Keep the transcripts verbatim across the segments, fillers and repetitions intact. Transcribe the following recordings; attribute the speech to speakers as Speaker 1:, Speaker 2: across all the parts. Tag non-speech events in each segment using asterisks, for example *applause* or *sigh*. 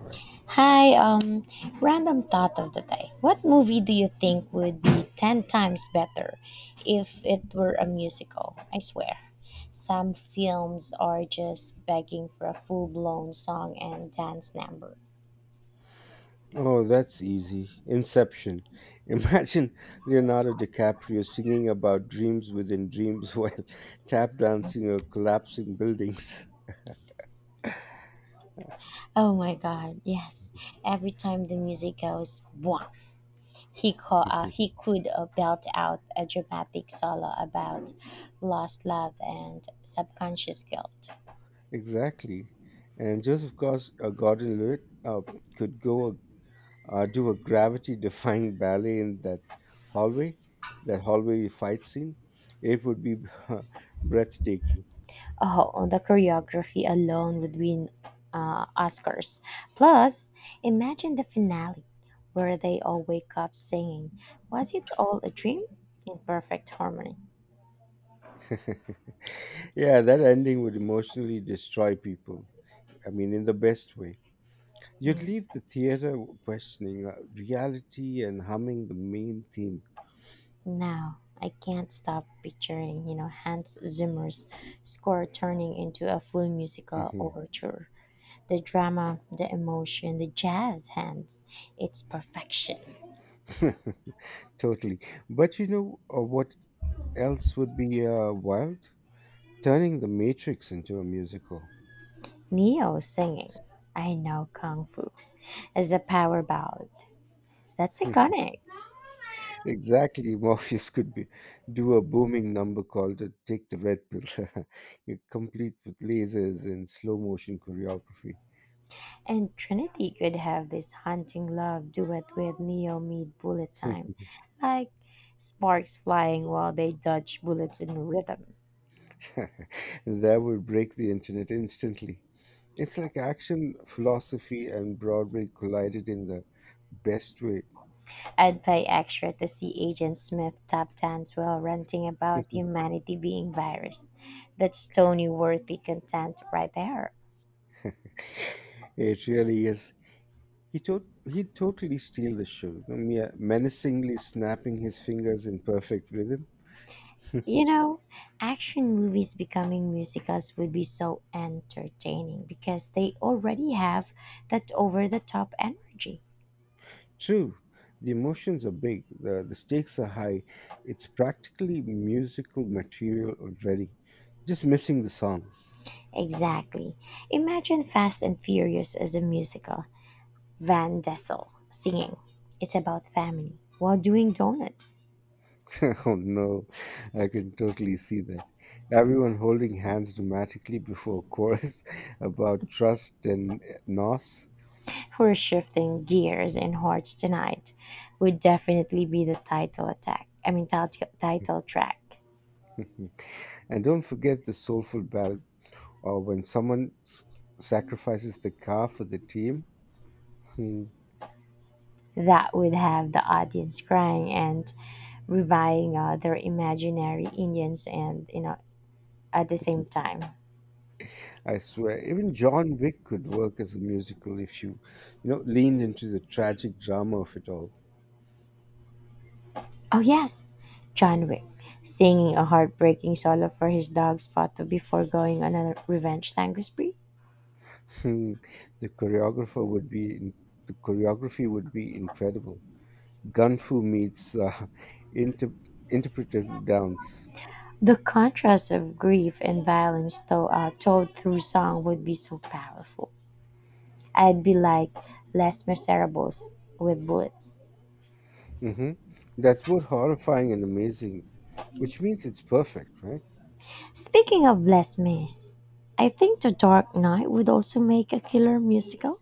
Speaker 1: Correct.
Speaker 2: Hi, um, random thought of the day. What movie do you think would be ten times better if it were a musical? I swear. Some films are just begging for a full blown song and dance number.
Speaker 1: Oh, that's easy. Inception. *laughs* Imagine Leonardo DiCaprio singing about dreams within dreams *laughs* while tap dancing or collapsing buildings. *laughs*
Speaker 2: Oh my god, yes. Every time the music goes, bwah, he, call, uh, he could uh, belt out a dramatic solo about lost love and subconscious guilt.
Speaker 1: Exactly. And Joseph Gos- uh, Gordon-Levitt uh, could go a, uh, do a gravity-defying ballet in that hallway, that hallway fight scene. It would be *laughs* breathtaking.
Speaker 2: Oh, the choreography alone would win uh, Oscars. Plus, imagine the finale where they all wake up singing, "Was it all a dream?" in perfect harmony.
Speaker 1: *laughs* Yeah, that ending would emotionally destroy people. I mean, in the best way. You'd leave the theater questioning uh, reality and humming the main theme.
Speaker 2: Now, I can't stop picturing, you know, Hans Zimmer's score turning into a full musical
Speaker 1: Mhm.
Speaker 2: overture. The drama, the emotion, the jazz hands. It's perfection.
Speaker 1: *laughs* Totally. But you know uh, what else would be uh, wild? Turning the Matrix into a musical.
Speaker 2: Neo singing, "I know Kung Fu," as a power ballad. That's
Speaker 1: *laughs*
Speaker 2: iconic.
Speaker 1: Exactly, Morpheus could be do a booming number called uh, "Take the Red Pill," *laughs* You complete with lasers and slow motion choreography.
Speaker 2: And Trinity could have this hunting love duet with Neo mid bullet time, like sparks flying while they dodge bullets in rhythm.
Speaker 1: *laughs* That would break the internet instantly. It's like action, philosophy, and Broadway collided in the best way.
Speaker 2: I'd pay extra to see Agent Smith tap dance while ranting about
Speaker 1: *laughs*
Speaker 2: humanity being virus. That's Tony worthy content right there.
Speaker 1: It really is. He to- he totally steal the show, you know, mea- menacingly snapping his fingers in perfect rhythm. *laughs*
Speaker 2: You know, action movies becoming musicals would be so entertaining because they already have that over the top energy.
Speaker 1: True, the emotions are big, the, the stakes are high. It's practically musical material already, just missing the songs.
Speaker 2: Exactly. Imagine Fast and Furious as a musical. Van Dessel singing. "It's about family" while doing donuts.
Speaker 1: *laughs* Oh no, I can totally see that. Everyone holding hands dramatically before a chorus *laughs* about trust and eh, nos.
Speaker 2: "We're shifting gears and hearts tonight." Would definitely be the title attack. I mean title title track.
Speaker 1: And don't forget the soulful ballad or when someone s- sacrifices the car for the team. Hmm.
Speaker 2: That would have the audience crying and reviving uh, their imaginary Indians and you know at the same time.
Speaker 1: I swear, even John Wick could work as a musical if you, you know, leaned into the tragic drama of it all.
Speaker 2: Oh, yes, John Wick, singing a heartbreaking solo for his dog's photo before going on a revenge tango spree.
Speaker 1: Hmm, the choreographer would be, in, the choreography would be incredible. Gunfu meets uh, *laughs* inter- interpretive dance.
Speaker 2: The contrast of grief and violence to, uh, told through song would be so powerful. I'd be like Les Miserables with bullets.
Speaker 1: Hmm. That's both horrifying and amazing, which means it's perfect, right?
Speaker 2: Speaking of Les Mis, I think The Dark Knight would also make a killer musical.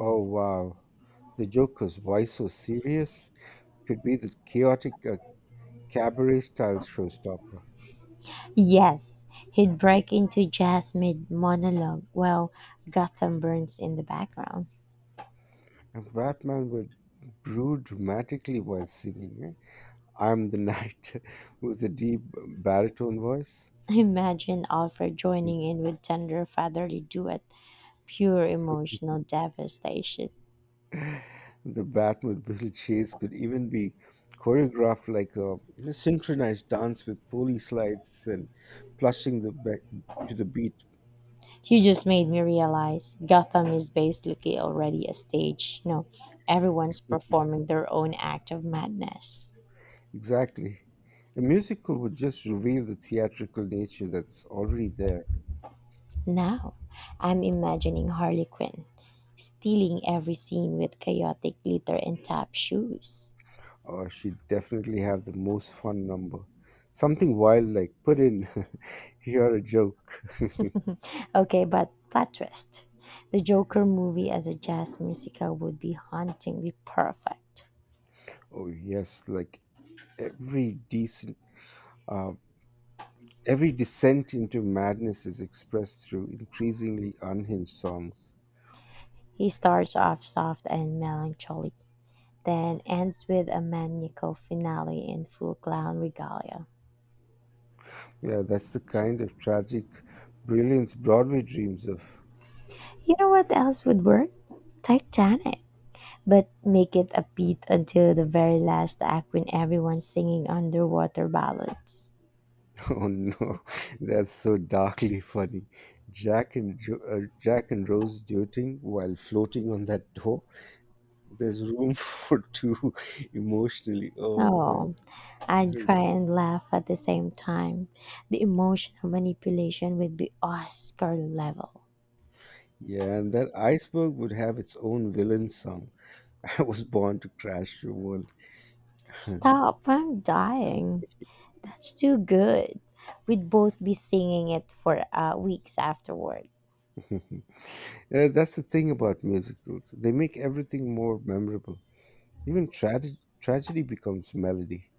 Speaker 1: Oh, wow. The Joker's Why So Serious could be the chaotic uh, cabaret style showstopper.
Speaker 2: Yes, he'd break into jazz mid monologue while Gotham burns in the background.
Speaker 1: And Batman would brew dramatically while singing. Eh? I'm the knight *laughs* with a deep baritone voice.
Speaker 2: Imagine Alfred joining in with tender fatherly duet, pure emotional devastation.
Speaker 1: The Batmobile chase could even be choreographed like a you know, synchronized dance with police lights and plushing the be- to the beat.
Speaker 2: You just made me realize Gotham is basically already a stage. You know, everyone's performing their own act of madness.
Speaker 1: Exactly. A musical would just reveal the theatrical nature that's already there.
Speaker 2: Now, I'm imagining Harley Quinn stealing every scene with chaotic glitter and tap shoes.
Speaker 1: Or she'd definitely have the most fun number. Something wild like put in *laughs* here a joke.
Speaker 2: Okay, but plot twist. The Joker movie as a jazz musical would be hauntingly perfect.
Speaker 1: Oh yes, like every decent uh, every descent into madness is expressed through increasingly unhinged songs.
Speaker 2: He starts off soft and melancholy, then ends with a maniacal finale in full clown regalia.
Speaker 1: Yeah, that's the kind of tragic brilliance Broadway dreams of. *laughs*
Speaker 2: You know what else would work? Titanic. But make it upbeat until the very last act when everyone's singing underwater ballads.
Speaker 1: Oh no, *laughs* that's so darkly funny. Jack and jo- uh, Jack and Rose dueting while floating on that door. There's room *laughs* for two emotionally. Oh man.
Speaker 2: Oh, I'd
Speaker 1: Mhm.
Speaker 2: cry and laugh at the same time. The emotional manipulation would be Oscar level.
Speaker 1: Yeah, and that iceberg would have its own villain song. *laughs* I was born to crash your world.
Speaker 2: Stop, I'm dying. That's too good. We'd both be singing it for uh, weeks afterward.
Speaker 1: *laughs* Uh, that's the thing about musicals. They make everything more memorable. Even trage- tragedy becomes melody.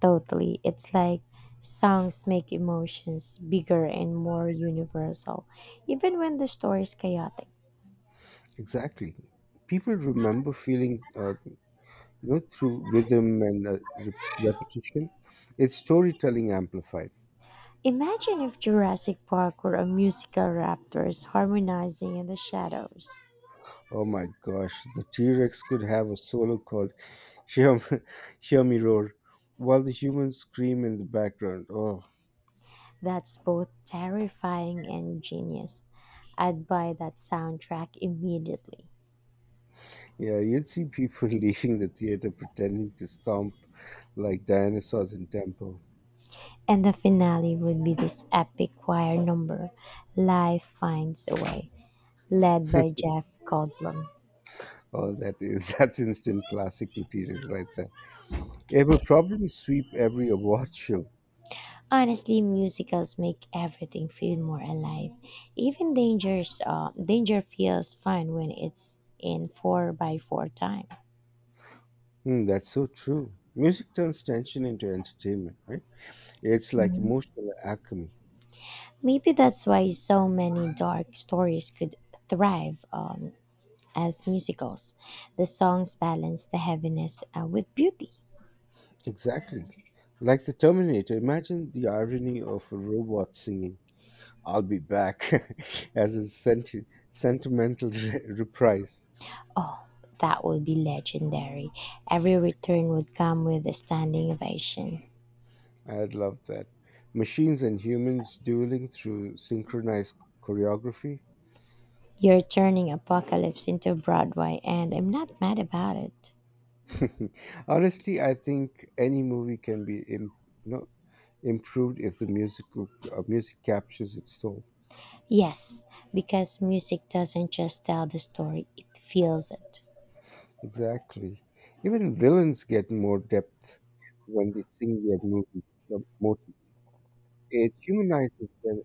Speaker 2: Totally. It's like songs make emotions bigger and more universal, even when the story is chaotic.
Speaker 1: Exactly. People remember feeling, uh, you know, through rhythm and uh, re- repetition. It's storytelling amplified.
Speaker 2: Imagine if Jurassic Park were a musical raptors harmonizing in the shadows.
Speaker 1: Oh my gosh, the T Rex could have a solo called Hear, Me- *laughs* Hear Me Roar while the humans scream in the background. Oh,
Speaker 2: That's both terrifying and genius. I'd buy that soundtrack immediately.
Speaker 1: yeah, you'd see people *laughs* leaving the theater pretending to stomp like dinosaurs in tempo.
Speaker 2: And the finale would be this epic choir number, "Life Finds a Way." led by Jeff Goldblum.
Speaker 1: Oh, that is *laughs* that's instant classic material right there. It will probably sweep every award *laughs* show.
Speaker 2: Honestly, musicals make everything feel more alive. Even Danger's, uh, Danger feels fun when it's in four by four time.
Speaker 1: Hmm, that's so true. Music turns tension into entertainment, right? It's like emotional alchemy.
Speaker 2: Maybe that's why so many dark stories could thrive um, as musicals. The songs balance the heaviness uh, with beauty.
Speaker 1: Exactly. Like the Terminator, imagine the irony of a robot singing, I'll be back, *laughs* as a senti- sentimental *laughs* re- reprise.
Speaker 2: Oh, that would be legendary. Every return would come with a standing ovation.
Speaker 1: I'd love that. Machines and humans dueling through synchronized choreography.
Speaker 2: You're turning apocalypse into Broadway, and I'm not mad about it.
Speaker 1: *laughs* Honestly, I think any movie can be Im- you know, improved if the musical uh, music captures its soul.
Speaker 2: Yes, because music doesn't just tell the story, it feels it.
Speaker 1: Exactly. Even villains get more depth when they sing their movies, uh, motives. It humanizes them.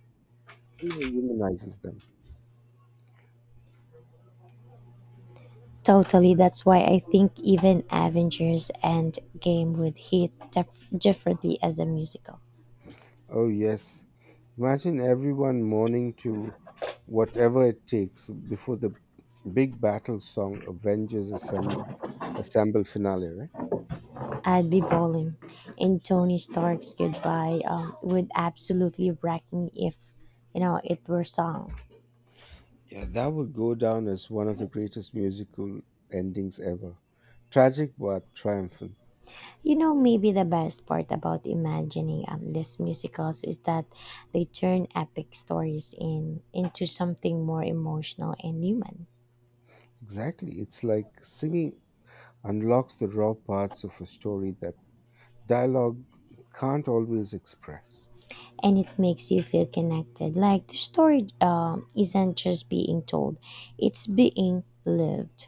Speaker 1: Somehow humanizes them.
Speaker 2: Totally, that's why I think even Avengers Endgame would hit def- differently as a musical.
Speaker 1: Oh yes. Imagine everyone mourning to whatever it takes before the big battle song Avengers Assemble, Assemble finale, right?
Speaker 2: I'd be bowling, and Tony Stark's goodbye um, would absolutely wreck me if you know it were sung.
Speaker 1: Yeah, that would go down as one of the greatest musical endings ever. Tragic but triumphant.
Speaker 2: You know, maybe the best part about imagining um, these musicals is that they turn epic stories in into something more emotional and human,
Speaker 1: Exactly. It's like singing unlocks the raw parts of a story that dialogue can't always express.
Speaker 2: and it makes you feel connected. Like the story um, isn't just being told; it's being lived.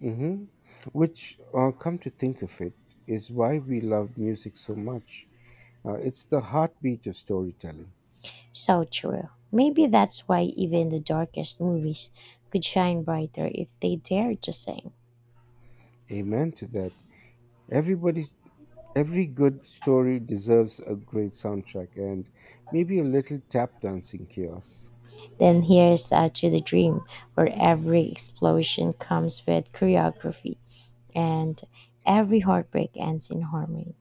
Speaker 1: Hmm. Which, uh, come to think of it, is why we love music so much. Uh, it's the heartbeat of storytelling.
Speaker 2: So true. Maybe that's why even the darkest movies could shine brighter if they dare to sing.
Speaker 1: Amen to that. Everybody Every good story deserves a great soundtrack and maybe a little tap dancing chaos.
Speaker 2: Then here's uh, to the dream, where every explosion comes with choreography and every heartbreak ends in harmony.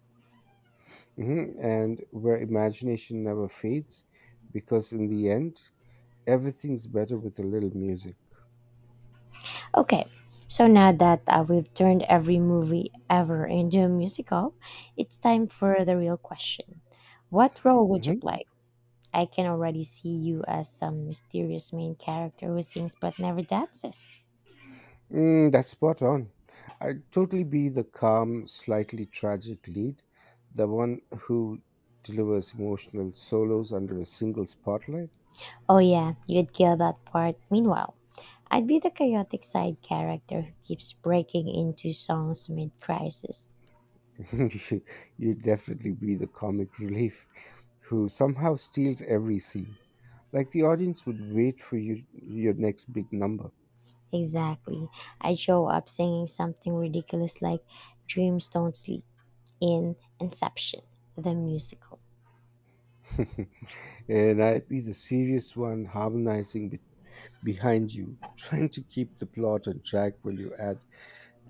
Speaker 1: Hmm. And where imagination never fades, because in the end, everything's better with a little music.
Speaker 2: Okay, so now that uh, we've turned every movie ever into a musical, it's time for the real question. What role would you
Speaker 1: Hmm.
Speaker 2: play? I can already see you as some mysterious main character who sings but never dances.
Speaker 1: Mm, that's spot on. I'd totally be the calm, slightly tragic lead, the one who delivers emotional solos under a single spotlight.
Speaker 2: Oh yeah, you'd kill that part. Meanwhile, I'd be the chaotic side character who keeps breaking into songs mid-crisis.
Speaker 1: *laughs* You- You'd definitely be the comic relief who somehow steals every scene. Like the audience would wait for you, your next big number.
Speaker 2: Exactly. I'd show up singing something ridiculous like "Dreams Don't Sleep" in Inception, the musical.
Speaker 1: *laughs* And I'd be the serious one harmonizing be- behind you, trying to keep the plot on track while you add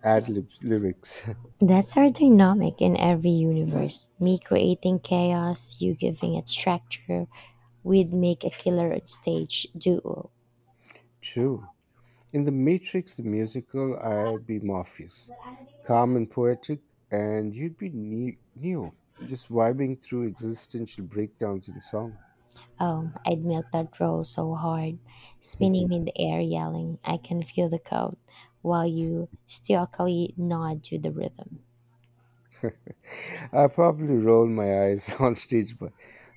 Speaker 1: ad libs lyrics.
Speaker 2: That's our dynamic in every universe. Me creating chaos, you giving it structure. We'd make a killer on stage duo.
Speaker 1: *laughs* True. In The Matrix, the musical, I'd be Morpheus, calm and poetic, and you'd be ne- Neo, just vibing through existential breakdowns in song. *laughs*
Speaker 2: Oh, I'd melt that roll so hard, spinning in the air yelling, "I can feel the code," while you stoically nod to the rhythm.
Speaker 1: I probably roll my eyes *laughs* on stage, but,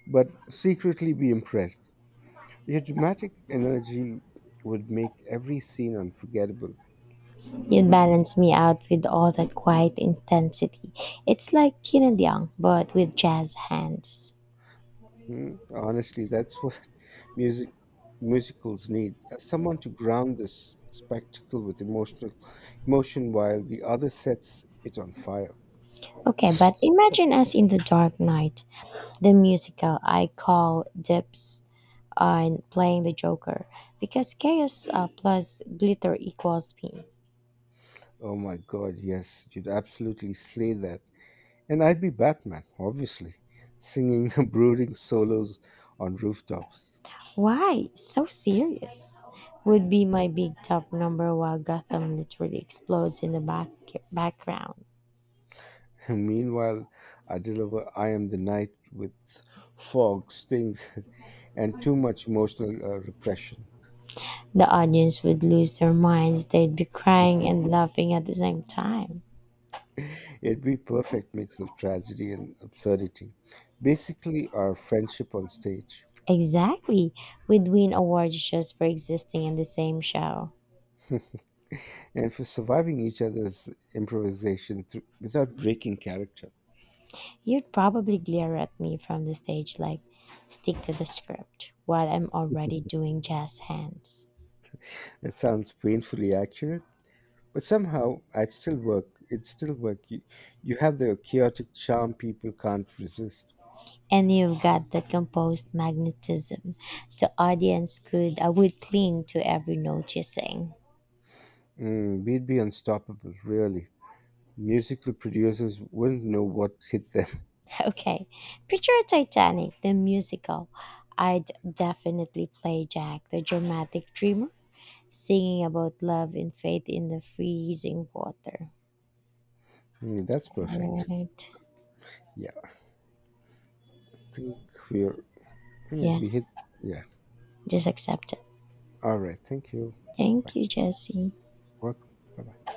Speaker 1: but secretly be impressed. Your dramatic energy would make every scene unforgettable.
Speaker 2: You'd balance me out with all that quiet intensity. It's like yin and yang, but with jazz hands.
Speaker 1: Hmm? Honestly, that's what *laughs* music musicals need. uh, Someone to ground this spectacle with emotional emotion while the other sets it on fire.
Speaker 2: Okay, but imagine us in the dark night, the musical. I call dips on playing the Joker, because chaos uh, plus glitter equals pain.
Speaker 1: Oh my god, yes, you'd absolutely slay that. And I'd be Batman, obviously, singing *laughs* brooding solos on rooftops.
Speaker 2: "Why? So serious." Would be my big top number while Gotham literally explodes in the back- background.
Speaker 1: *laughs* Meanwhile, I deliver I am the night with fog, stings, *laughs* and too much emotional uh, repression.
Speaker 2: The audience would lose their minds. They'd be crying
Speaker 1: *laughs*
Speaker 2: and laughing at the same time.
Speaker 1: It'd be perfect mix of tragedy and absurdity. Basically, our friendship on stage.
Speaker 2: Exactly. We'd win awards just for existing in the same show.
Speaker 1: *laughs* And for surviving each other's improvisation thr- without breaking character.
Speaker 2: You'd probably glare at me from the stage like, "stick to the script," while I'm already doing jazz hands.
Speaker 1: It sounds painfully accurate, but somehow I'd still work. It'd still work. You, you have the chaotic charm people can't resist.
Speaker 2: And you've got that composed magnetism the audience could uh, would cling to every note you sing.
Speaker 1: Mm, we'd be unstoppable, really. Musical producers wouldn't know what hit them. *laughs*
Speaker 2: *laughs* okay, picture Titanic the musical. I'd definitely play Jack, the dramatic dreamer, singing about love and faith in the freezing water.
Speaker 1: Mm, that's
Speaker 2: All
Speaker 1: perfect.
Speaker 2: right.
Speaker 1: Yeah, I think we're mm,
Speaker 2: Yeah,
Speaker 1: we hit. Yeah.
Speaker 2: just accept it.
Speaker 1: All right. Thank you.
Speaker 2: Thank
Speaker 1: Bye.
Speaker 2: you, Jesse.
Speaker 1: Welcome. Bye. Bye.